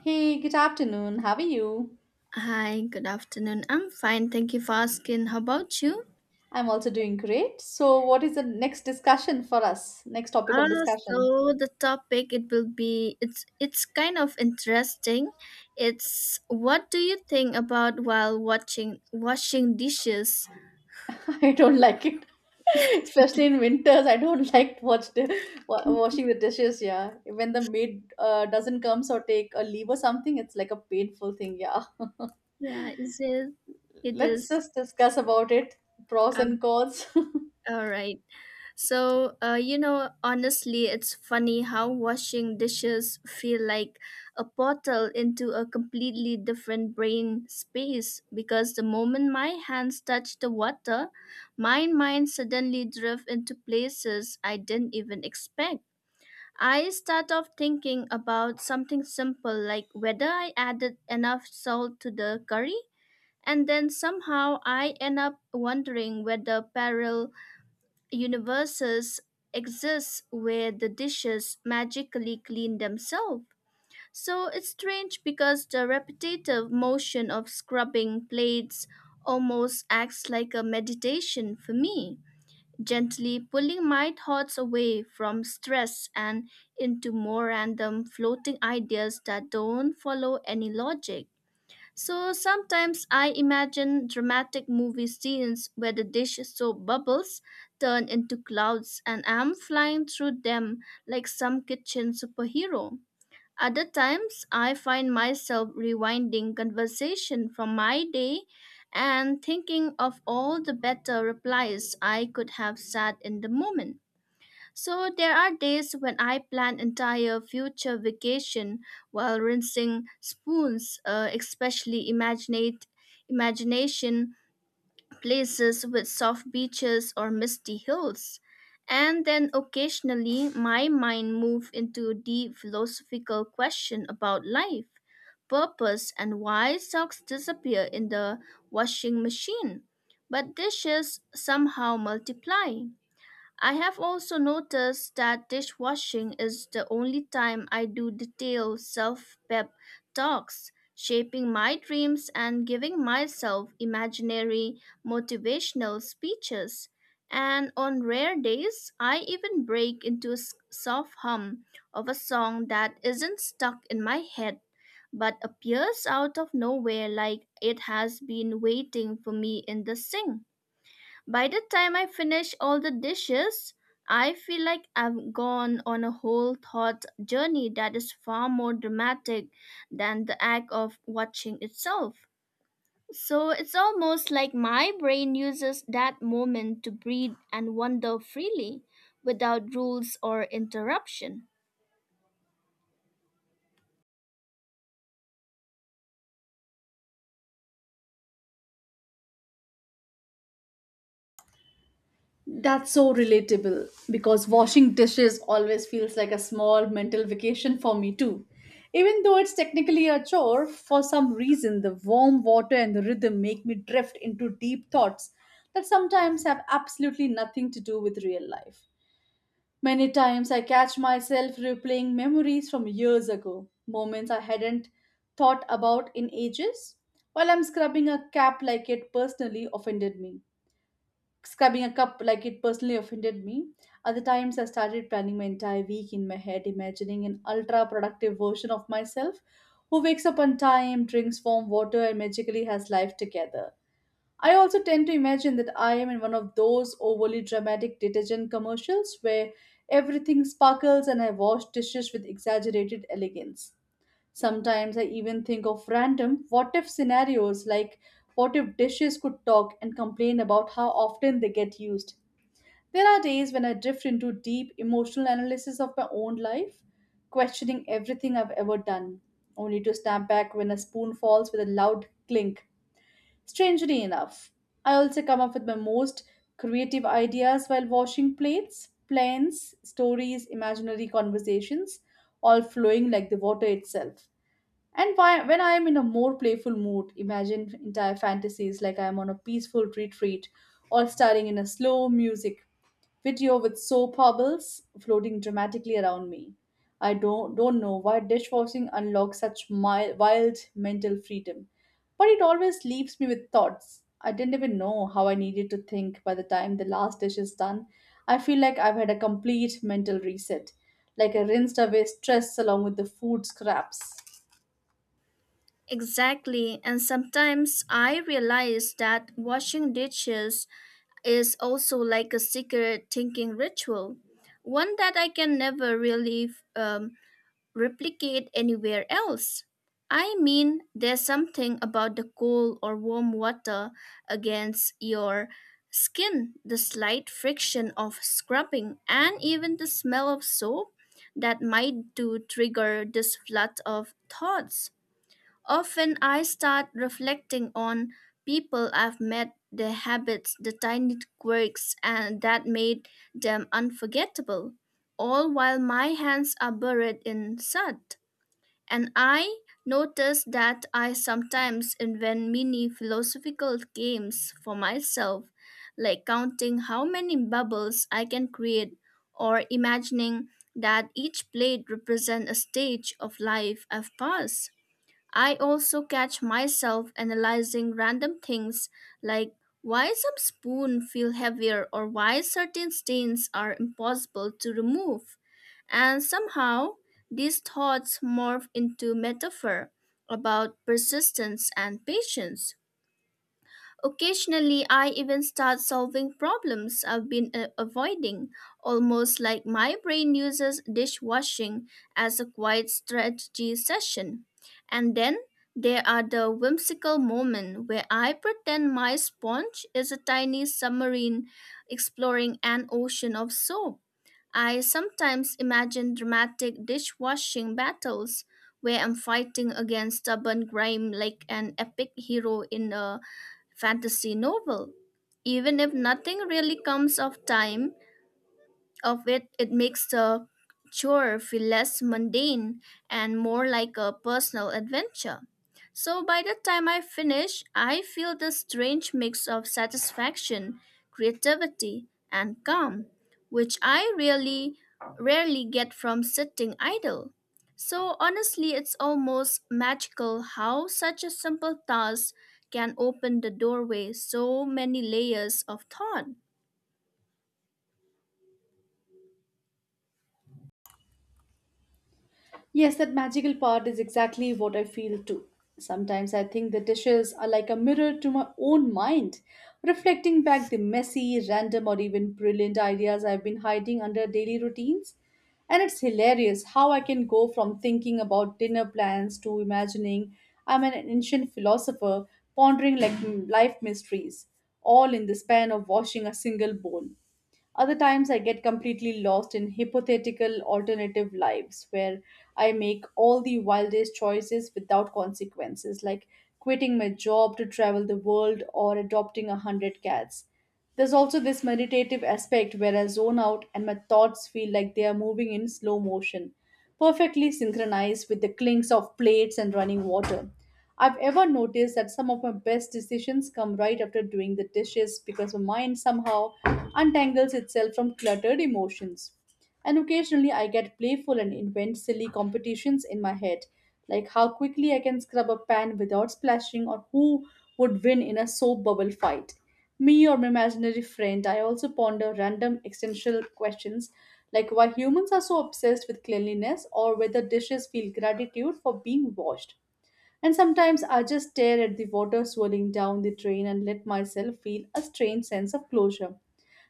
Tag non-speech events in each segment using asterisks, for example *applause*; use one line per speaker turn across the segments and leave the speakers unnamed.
Hey, good afternoon. How are you?
Hi, good afternoon. I'm fine. Thank you for asking. How about you?
I'm also doing great. So, what is the next discussion for us? Next topic of
Uh,
discussion.
so the topic it's kind of interesting. It's, what do you think about while watching washing dishes?
*laughs* I don't like it, *laughs* especially in winters. I don't *laughs* like watch washing the dishes. Yeah, when the maid doesn't comes or take a leave or something, it's like a painful thing. Yeah,
Yeah, is it it
let's
is
just discuss about it. Pros and cons. *laughs*
all right. So, honestly, it's funny how washing dishes feel like a portal into a completely different brain space because the moment my hands touch the water, my mind suddenly drift into places I didn't even expect. I start off thinking about something simple like whether I added enough salt to the curry, and then somehow I end up wondering whether peril universes exist where the dishes magically clean themselves. So it's strange because the repetitive motion of scrubbing plates almost acts like a meditation for me, gently pulling my thoughts away from stress and into more random floating ideas that don't follow any logic. So sometimes I imagine dramatic movie scenes where the dish soap bubbles turn into clouds and I'm flying through them like some kitchen superhero. Other times I find myself rewinding conversation from my day and thinking of all the better replies I could have said in the moment. So there are days when I plan entire future vacation while rinsing spoons, especially imaginate imagination places with soft beaches or misty hills. And then occasionally my mind moves into deep philosophical question about life, purpose and why socks disappear in the washing machine, but dishes somehow multiply. I have also noticed that dishwashing is the only time I do detailed self pep talks, shaping my dreams and giving myself imaginary motivational speeches. And on rare days, I even break into a soft hum of a song that isn't stuck in my head but appears out of nowhere like it has been waiting for me in the sink. By the time I finish all the dishes, I feel like I've gone on a whole thought journey that is far more dramatic than the act of watching itself. So it's almost like my brain uses that moment to breathe and wander freely without rules or interruption.
That's so relatable because washing dishes always feels like a small mental vacation for me too. Even though it's technically a chore, for some reason the warm water and the rhythm make me drift into deep thoughts that sometimes have absolutely nothing to do with real life. Many times I catch myself replaying memories from years ago, moments I hadn't thought about in ages, while I'm scrubbing a cap like it personally offended me. Scrubbing a cup like it personally offended me. Other times, I started planning my entire week in my head, imagining an ultra productive version of myself who wakes up on time, drinks warm water, and magically has life together. I also tend to imagine that I am in one of those overly dramatic detergent commercials where everything sparkles and I wash dishes with exaggerated elegance. Sometimes I even think of random what if scenarios like what if dishes could talk and complain about how often they get used. There are days when I drift into deep emotional analysis of my own life, questioning everything I've ever done, only to snap back when a spoon falls with a loud clink. Strangely enough, I also come up with my most creative ideas while washing plates, plans, stories, imaginary conversations, all flowing like the water itself. And why, when I am in a more playful mood, imagine entire fantasies like I am on a peaceful retreat or starring in a slow music video with soap bubbles floating dramatically around me. I don't know why dishwashing unlocks such wild mental freedom, but it always leaves me with thoughts. I didn't even know how I needed to think by the time the last dish is done. I feel like I've had a complete mental reset, like I rinsed away stress along with the food scraps.
Exactly, and sometimes I realize that washing dishes is also like a secret thinking ritual, one that I can never really um, replicate anywhere else. I mean, there's something about the cold or warm water against your skin, the slight friction of scrubbing, and even the smell of soap that might do trigger this flood of thoughts. Often I start reflecting on people I've met, their habits, the tiny quirks and that made them unforgettable, all while my hands are buried in sand. And I notice that I sometimes invent mini philosophical games for myself, like counting how many bubbles I can create or imagining that each plate represents a stage of life I've passed. I also catch myself analyzing random things like why some spoon feel heavier or why certain stains are impossible to remove. And somehow these thoughts morph into metaphor about persistence and patience. Occasionally, I even start solving problems I've been avoiding, almost like my brain uses dishwashing as a quiet strategy session. And then there are the whimsical moments where I pretend my sponge is a tiny submarine exploring an ocean of soap. I sometimes imagine dramatic dishwashing battles where I'm fighting against stubborn grime like an epic hero in a fantasy novel, even if nothing really comes of time of it, it makes the chore feel less mundane and more like a personal adventure. So by the time I finish, I feel this strange mix of satisfaction, creativity, and calm, which I really rarely get from sitting idle. So honestly, it's almost magical how such a simple task can open the doorway so many layers of thought.
Yes, that magical part is exactly what I feel too. Sometimes I think the dishes are like a mirror to my own mind, reflecting back the messy, random, or even brilliant ideas I've been hiding under daily routines. And it's hilarious how I can go from thinking about dinner plans to imagining I'm an ancient philosopher pondering like life mysteries, all in the span of washing a single bowl. Other times, I get completely lost in hypothetical alternative lives where I make all the wildest choices without consequences, like quitting my job to travel the world or adopting a hundred cats. There's also this meditative aspect where I zone out and my thoughts feel like they are moving in slow motion perfectly synchronized with the clinks of plates and running water. I've ever noticed that some of my best decisions come right after doing the dishes because my mind somehow untangles itself from cluttered emotions. And occasionally I get playful and invent silly competitions in my head, like how quickly I can scrub a pan without splashing or who would win in a soap bubble fight. Me or my imaginary friend, I also ponder random existential questions like why humans are so obsessed with cleanliness or whether dishes feel gratitude for being washed. And sometimes I just stare at the water swirling down the drain and let myself feel a strange sense of closure.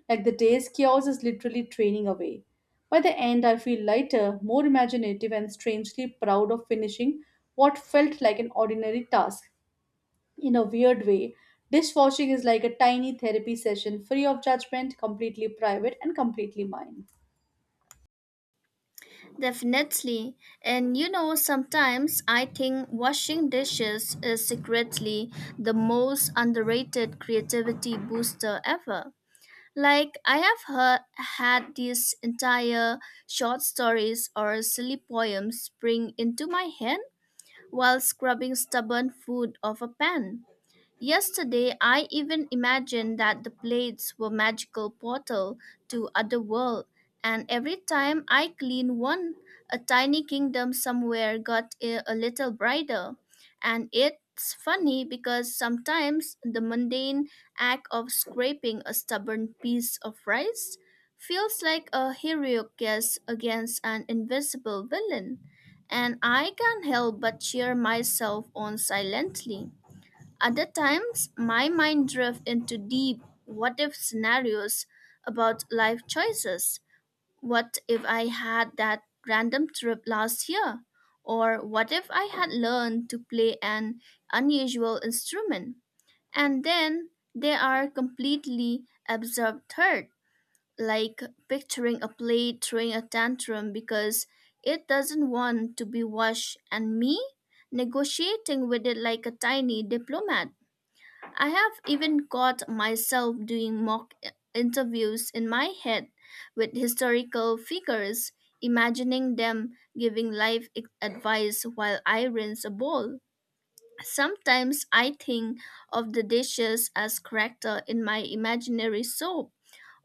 Like the day's chaos is literally draining away. By the end, I feel lighter, more imaginative, and strangely proud of finishing what felt like an ordinary task. In a weird way, dishwashing is like a tiny therapy session free of judgment, completely private, and completely mine.
Definitely. And you know, sometimes I think washing dishes is secretly the most underrated creativity booster ever. Like, had these entire short stories or silly poems spring into my head while scrubbing stubborn food off a pan. Yesterday, I even imagined that the plates were magical portal to other world, and every time I clean one, a tiny kingdom somewhere got a little brighter. And it's funny because sometimes the mundane act of scraping a stubborn piece of rice feels like a heroic guess against an invisible villain, and I can't help but cheer myself on silently. Other times, my mind drifts into deep what if scenarios about life choices. What if I had that random trip last year? Or what if I had learned to play an unusual instrument? And then there are completely absurd third, like picturing a plate throwing a tantrum because it doesn't want to be washed, and me negotiating with it like a tiny diplomat. I have even caught myself doing mock interviews in my head with historical figures, imagining them giving advice while I rinse a bowl. Sometimes I think of the dishes as character in my imaginary soap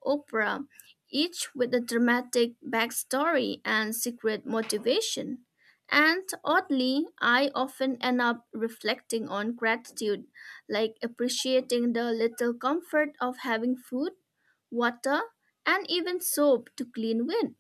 opera, each with a dramatic backstory and secret motivation. And oddly, I often end up reflecting on gratitude, like appreciating the little comfort of having food, water, and even soap to clean with.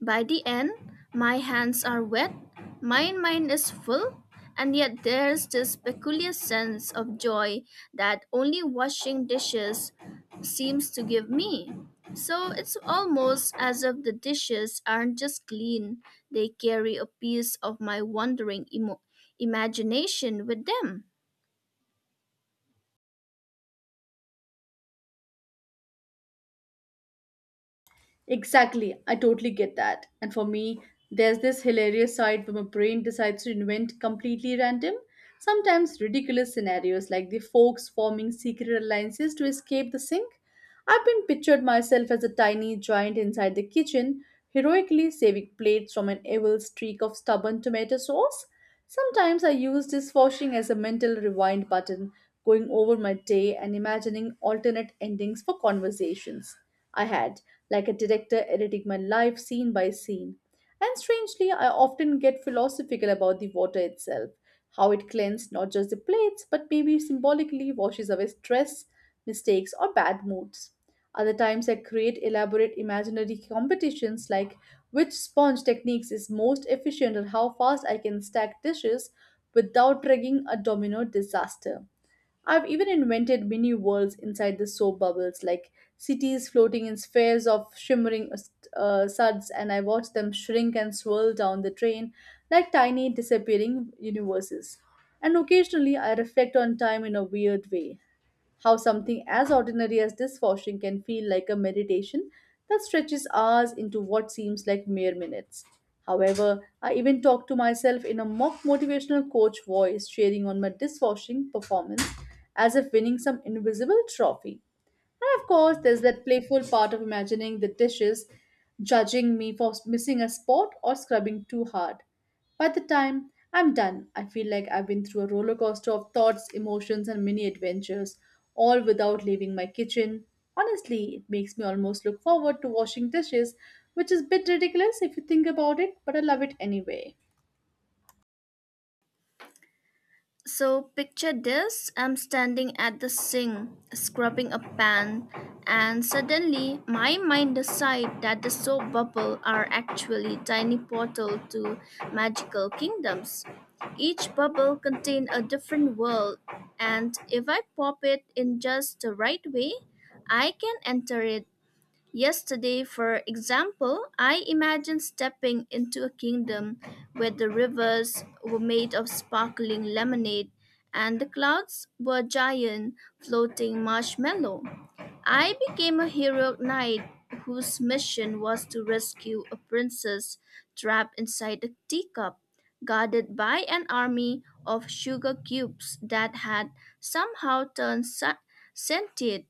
By the end, my hands are wet, my mind is full, and yet there's this peculiar sense of joy that only washing dishes seems to give me. So it's almost as if the dishes aren't just clean, they carry a piece of my wandering imagination with them.
Exactly, I totally get that. And for me, there's this hilarious side where my brain decides to invent completely random, sometimes ridiculous scenarios like the folks forming secret alliances to escape the sink. I've been pictured myself as a tiny giant inside the kitchen, heroically saving plates from an evil streak of stubborn tomato sauce. Sometimes I use dishwashing as a mental rewind button, going over my day and imagining alternate endings for conversations I had like a director editing my life scene by scene. And strangely, I often get philosophical about the water itself, how it cleans not just the plates, but maybe symbolically washes away stress, mistakes, or bad moods. Other times, I create elaborate imaginary competitions like which sponge techniques is most efficient or how fast I can stack dishes without triggering a domino disaster. I've even invented mini worlds inside the soap bubbles, like cities floating in spheres of shimmering suds, and I watch them shrink and swirl down the drain like tiny disappearing universes. And occasionally, I reflect on time in a weird way, how something as ordinary as dishwashing can feel like a meditation that stretches hours into what seems like mere minutes. However, I even talk to myself in a mock motivational coach voice, cheering on my dishwashing performance as if winning some invisible trophy. And of course, there's that playful part of imagining the dishes judging me for missing a spot or scrubbing too hard. By the time I'm done, I feel like I've been through a roller coaster of thoughts, emotions, and mini adventures, all without leaving my kitchen. Honestly, it makes me almost look forward to washing dishes, which is a bit ridiculous if you think about it, but I love it anyway.
So picture this, I'm standing at the sink, scrubbing a pan, and suddenly my mind decides that the soap bubbles are actually tiny portal to magical kingdoms. Each bubble contains a different world, and if I pop it in just the right way, I can enter it. Yesterday, for example, I imagined stepping into a kingdom where the rivers were made of sparkling lemonade and the clouds were giant floating marshmallow. I became a hero knight whose mission was to rescue a princess trapped inside a teacup, guarded by an army of sugar cubes that had somehow turned sentient.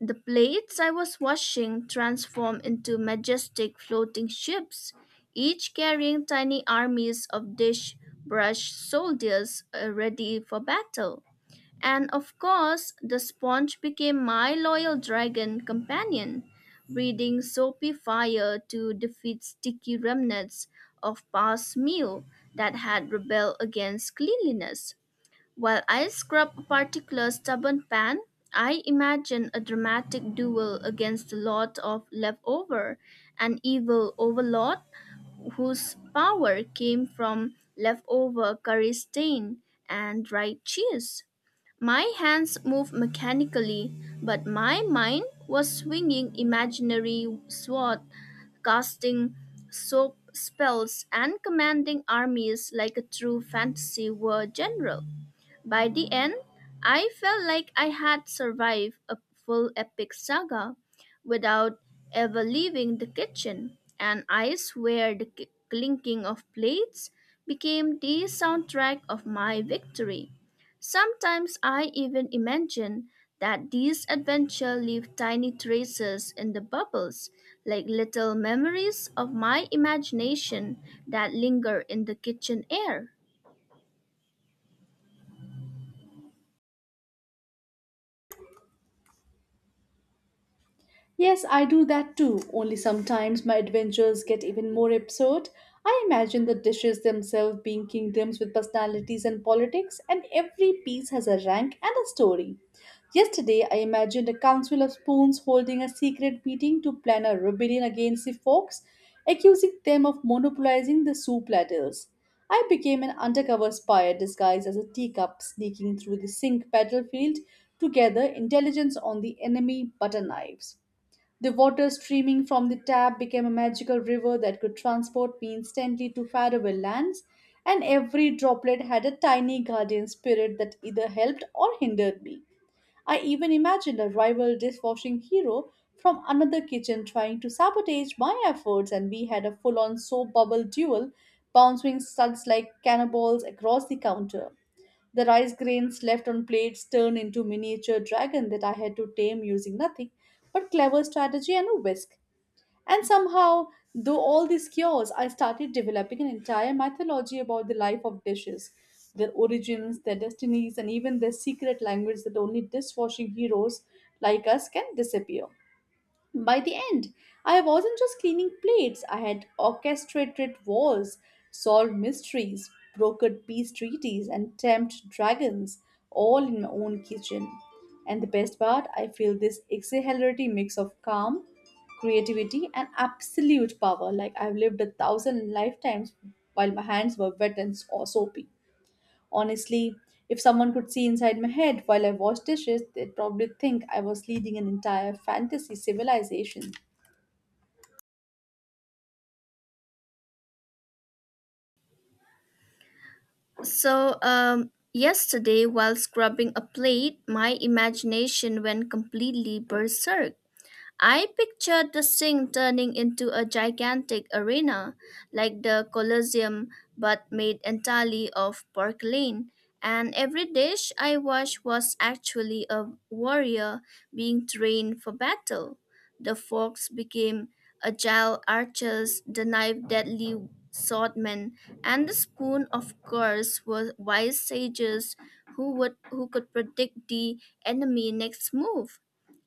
The plates I was washing transformed into majestic floating ships, each carrying tiny armies of dish brush soldiers ready for battle. And of course, the sponge became my loyal dragon companion, breathing soapy fire to defeat sticky remnants of past meal that had rebelled against cleanliness. While I scrub a particular stubborn pan, I imagine a dramatic duel against a lot of leftover, an evil overlord whose power came from leftover curry stain and dried cheese. My hands moved mechanically, but my mind was swinging imaginary sword, casting soap spells, and commanding armies like a true fantasy war general. By the end, I felt like I had survived a full epic saga without ever leaving the kitchen, and I swear the clinking of plates became the soundtrack of my victory. Sometimes I even imagine that these adventures leave tiny traces in the bubbles, like little memories of my imagination that linger in the kitchen air.
Yes, I do that too, only sometimes my adventures get even more absurd. I imagine the dishes themselves being kingdoms with personalities and politics, and every piece has a rank and a story. Yesterday, I imagined a council of spoons holding a secret meeting to plan a rebellion against the forks, accusing them of monopolizing the soup ladles. I became an undercover spy disguised as a teacup, sneaking through the sink battlefield to gather intelligence on the enemy butter knives. The water streaming from the tap became a magical river that could transport me instantly to faraway lands, and every droplet had a tiny guardian spirit that either helped or hindered me. I even imagined a rival dishwashing hero from another kitchen trying to sabotage my efforts, and we had a full on soap bubble duel, bouncing suds like cannonballs across the counter. The rice grains left on plates turned into miniature dragon that I had to tame using nothing but clever strategy and a whisk. And somehow, though all these cures, I started developing an entire mythology about the life of dishes, their origins, their destinies, and even their secret language that only dishwashing heroes like us can disappear. By the end, I wasn't just cleaning plates, I had orchestrated wars, solved mysteries, brokered peace treaties, and tempted dragons, all in my own kitchen. And the best part, I feel this exhilarating mix of calm, creativity, and absolute power like I've lived a thousand lifetimes while my hands were wet and soapy. Honestly, if someone could see inside my head while I washed dishes, they'd probably think I was leading an entire fantasy civilization.
So, yesterday, while scrubbing a plate, my imagination went completely berserk. I pictured the sink turning into a gigantic arena, like the Colosseum, but made entirely of porcelain. And every dish I watched was actually a warrior being trained for battle. The forks became agile archers, the knife deadly swordmen, and the spoon, of course, were wise sages who could predict the enemy next move.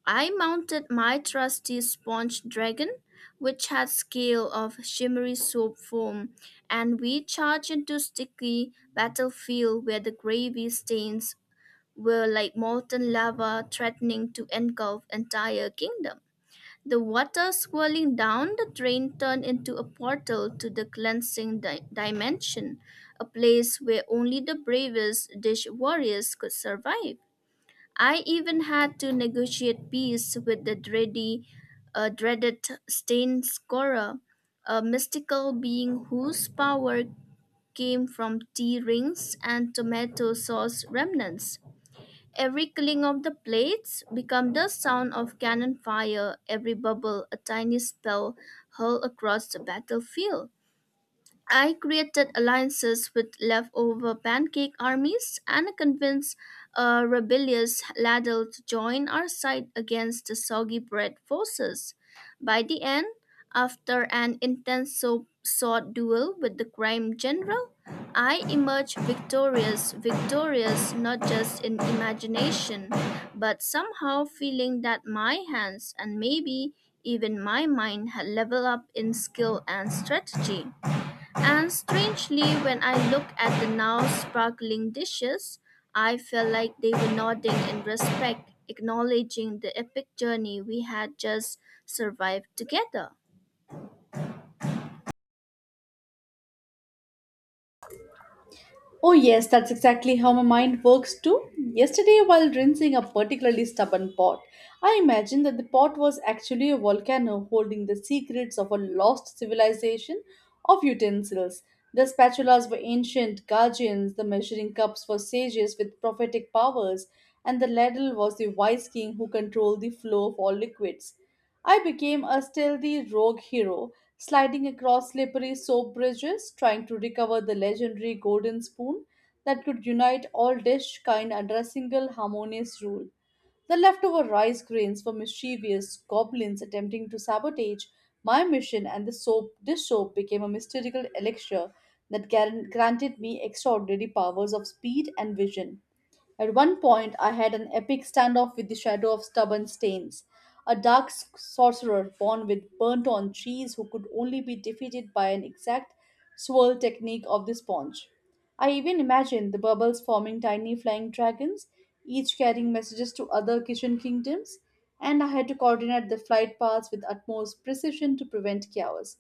I mounted my trusty sponge dragon, which had scale of shimmery soap foam, and we charged into sticky battlefield where the gravy stains were like molten lava threatening to engulf entire kingdom. The water swirling down the drain turned into a portal to the cleansing dimension, a place where only the bravest dish warriors could survive. I even had to negotiate peace with the dreaded Stain Scorer, a mystical being whose power came from tea rings and tomato sauce remnants. Every cling of the plates became the sound of cannon fire, every bubble a tiny spell hurled across the battlefield. I created alliances with leftover pancake armies and convinced a rebellious ladle to join our side against the soggy bread forces. By the end, after an intense sword duel with the crime general, I emerged victorious not just in imagination, but somehow feeling that my hands and maybe even my mind had leveled up in skill and strategy. And strangely, when I look at the now sparkling dishes, I felt like they were nodding in respect, acknowledging the epic journey we had just survived together.
Oh, yes, that's exactly how my mind works too. Yesterday, while rinsing a particularly stubborn pot, I imagined that the pot was actually a volcano holding the secrets of a lost civilization of utensils. The spatulas were ancient guardians, the measuring cups were sages with prophetic powers, and the ladle was the wise king who controlled the flow of all liquids. I became a stealthy rogue hero, sliding across slippery soap bridges, trying to recover the legendary golden spoon that could unite all dish kind under a single harmonious rule. The leftover rice grains were mischievous goblins attempting to sabotage my mission, and the soap dish soap became a mystical elixir that granted me extraordinary powers of speed and vision. At one point, I had an epic standoff with the shadow of Stubborn Stains, a dark sorcerer born with burnt on cheese who could only be defeated by an exact swirl technique of the sponge. I even imagined the bubbles forming tiny flying dragons, each carrying messages to other kitchen kingdoms, and I had to coordinate the flight paths with utmost precision to prevent chaos.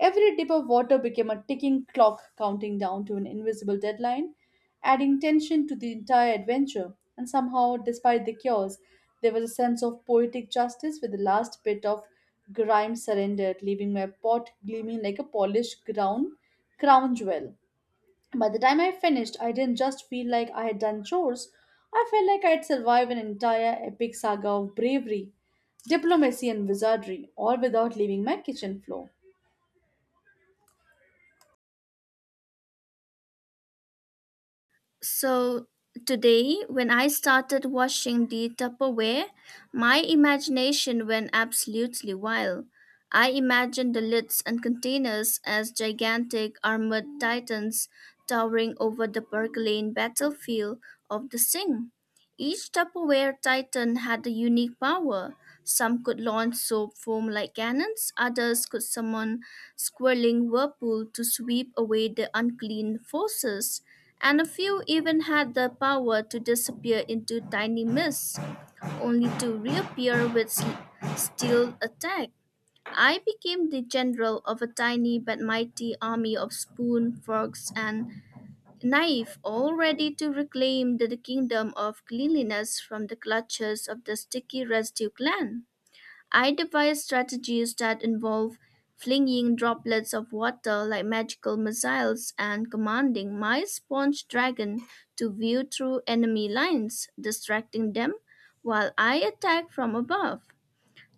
Every dip of water became a ticking clock counting down to an invisible deadline, adding tension to the entire adventure. And somehow, despite the chaos, there was a sense of poetic justice with the last bit of grime surrendered, leaving my pot gleaming like a polished crown jewel. By the time I finished, I didn't just feel like I had done chores, I felt like I had survived an entire epic saga of bravery, diplomacy, and wizardry, all without leaving my kitchen floor.
So, today, when I started washing the Tupperware, my imagination went absolutely wild. I imagined the lids and containers as gigantic armored titans towering over the Berkeley battlefield of the sink. Each Tupperware Titan had a unique power. Some could launch soap foam like cannons, others could summon swirling whirlpool to sweep away the unclean forces, and a few even had the power to disappear into tiny mists, only to reappear with steel attack. I became the general of a tiny but mighty army of spoon, frogs, and naive, all ready to reclaim the kingdom of cleanliness from the clutches of the sticky residue gland. I devise strategies that involve flinging droplets of water like magical missiles and commanding my sponge dragon to view through enemy lines, distracting them while I attack from above.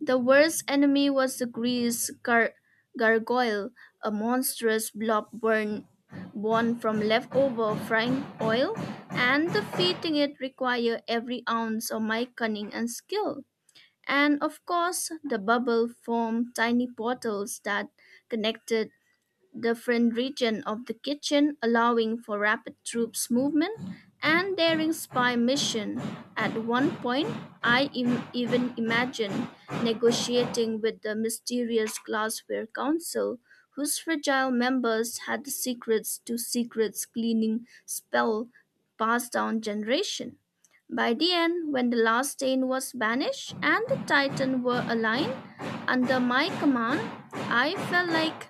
The worst enemy was the gargoyle, a monstrous born from leftover frying oil, and defeating it required every ounce of my cunning and skill. And of course, the bubble formed tiny portals that connected different region of the kitchen, allowing for rapid troops movement and daring spy mission. At one point, I even imagined negotiating with the mysterious glassware council whose fragile members had the secrets to secrets cleaning spell passed down generation. By the end, when the last stain was banished and the titan were aligned under my command, I felt like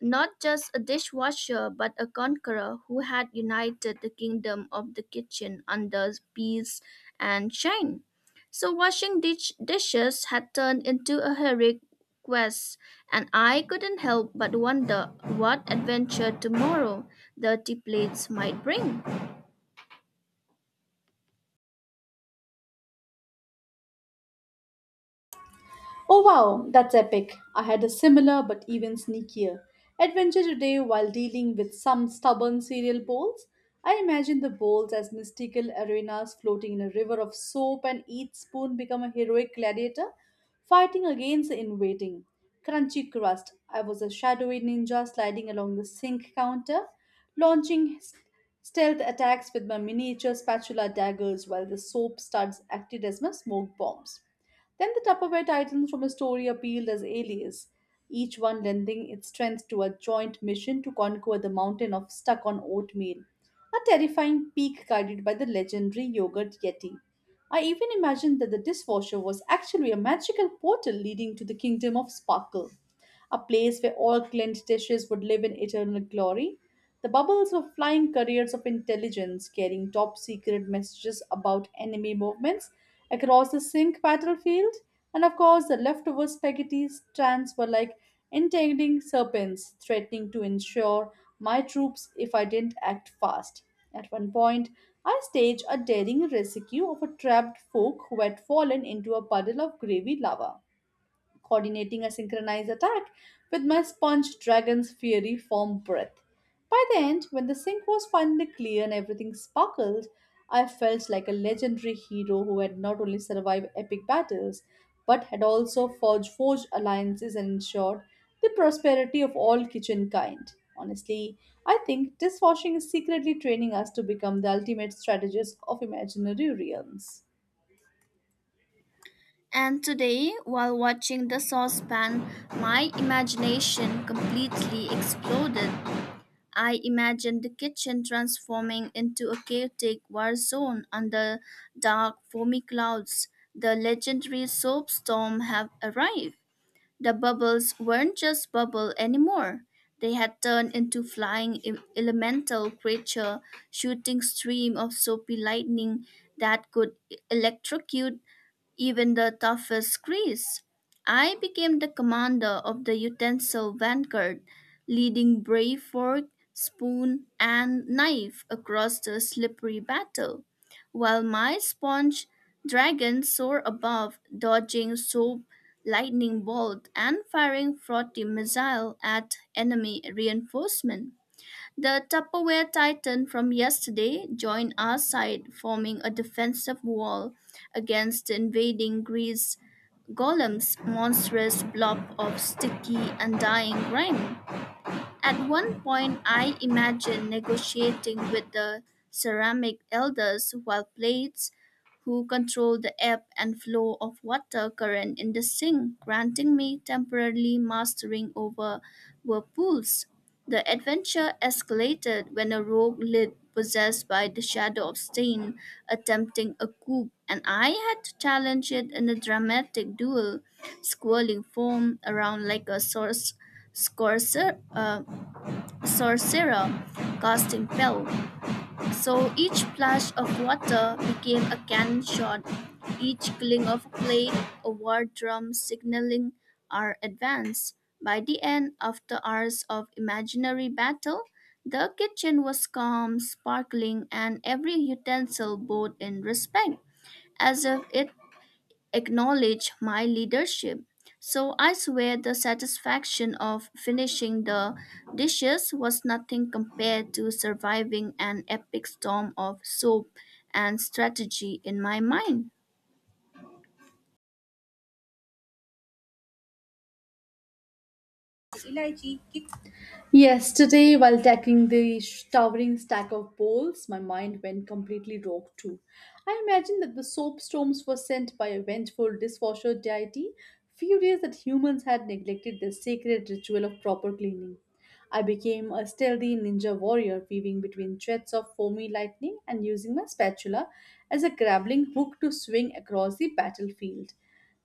not just a dishwasher, but a conqueror who had united the kingdom of the kitchen under peace and shame. So, washing dishes had turned into a heroic quest, and I couldn't help but wonder what adventure tomorrow dirty plates might bring.
Oh wow, that's epic. I had a similar but even sneakier adventure today while dealing with some stubborn cereal bowls. I imagine the bowls as mystical arenas floating in a river of soap, and each spoon become a heroic gladiator fighting against the invading. Crunchy crust. I was a shadowy ninja sliding along the sink counter, launching s- stealth attacks with my miniature spatula daggers while the soap studs acted as my smoke bombs. Then the Tupperware titles from a story appealed as alias, each one lending its strength to a joint mission to conquer the mountain of stuck on oatmeal, a terrifying peak guided by the legendary yogurt yeti. I even imagined that the dishwasher was actually a magical portal leading to the kingdom of sparkle, a place where all Clint dishes would live in eternal glory. The bubbles were flying couriers of intelligence, carrying top secret messages about enemy movements across the sink battlefield. And of course, the leftover spaghetti strands were like entangling serpents, threatening to ensure my troops if I didn't act fast. At one point, I staged a daring rescue of a trapped folk who had fallen into a puddle of gravy lava, coordinating a synchronized attack with my sponge dragon's fiery foam breath. By the end, when the sink was finally clear and everything sparkled, I felt like a legendary hero who had not only survived epic battles, but had also forged alliances and ensured the prosperity of all kitchen kind. Honestly, I think dishwashing is secretly training us to become the ultimate strategists of imaginary realms.
And today, while watching the saucepan, my imagination completely exploded. I imagined the kitchen transforming into a chaotic war zone under dark, foamy clouds. The legendary soap storm had arrived. The bubbles weren't just bubble anymore. They had turned into flying elemental creature, shooting stream of soapy lightning that could electrocute even the toughest Greece. I became the commander of the utensil vanguard, leading brave fork, spoon, and knife across the slippery battle, while my sponge dragon soared above, dodging soap, lightning bolt, and firing frothy missile at enemy reinforcement. The Tupperware Titan from yesterday joined our side, forming a defensive wall against the invading grease golem's monstrous blob of sticky, and dying grime. At one point, I imagined negotiating with the ceramic elders while plates who control the ebb and flow of water current in the sink, granting me temporarily mastering over whirlpools. The adventure escalated when a rogue lid possessed by the shadow of Stain attempting a coup, and I had to challenge it in a dramatic duel, squirreling foam around like a scorcer, uh, sorcerer, casting spell. So each splash of water became a cannon shot, each cling of a plate a war drum signaling our advance. By the end, after hours of imaginary battle, the kitchen was calm, sparkling, and every utensil bowed in respect, as if it acknowledge my leadership. So I swear the satisfaction of finishing the dishes was nothing compared to surviving an epic storm of soap and strategy in my mind.
Yesterday, while tackling the towering stack of bowls, my mind went completely rogue too. I imagined that the soap storms were sent by a vengeful dishwasher deity, furious that humans had neglected their sacred ritual of proper cleaning. I became a stealthy ninja warrior, weaving between jets of foamy lightning and using my spatula as a grappling hook to swing across the battlefield.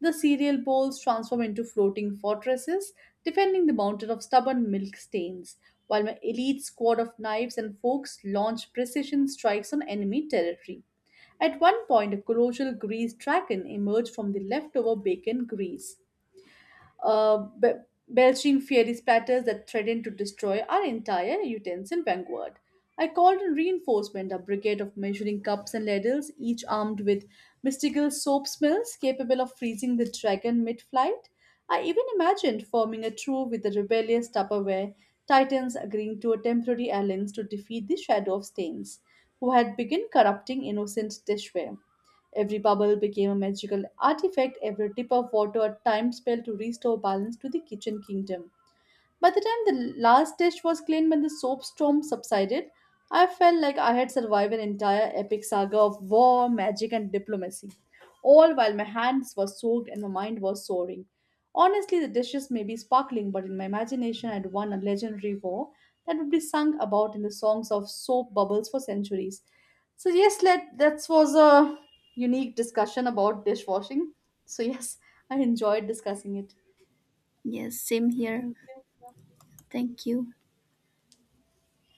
The cereal bowls transform into floating fortresses, defending the mountain of stubborn milk stains, while my elite squad of knives and forks launch precision strikes on enemy territory. At one point, a colossal grease dragon emerged from the leftover bacon grease, uh, be- belching fiery splatters that threatened to destroy our entire utensil vanguard. I called in reinforcement, a brigade of measuring cups and ladles, each armed with mystical soap smells capable of freezing the dragon mid flight. I even imagined forming a crew with the rebellious Tupperware titans agreeing to a temporary alliance to defeat the Shadow of Stains, who had begun corrupting innocent dishware. Every bubble became a magical artifact, every drip of water a timed spell to restore balance to the kitchen kingdom. By the time the last dish was cleaned when the soap storm subsided, I felt like I had survived an entire epic saga of war, magic, and diplomacy, all while my hands were soaked and my mind was soaring. Honestly, the dishes may be sparkling, but in my imagination, I had won a legendary war that would be sung about in the songs of soap bubbles for centuries. So yes, let that was a unique discussion about dishwashing. So yes, I enjoyed discussing it.
Yes, same here.
Thank you.
Thank you.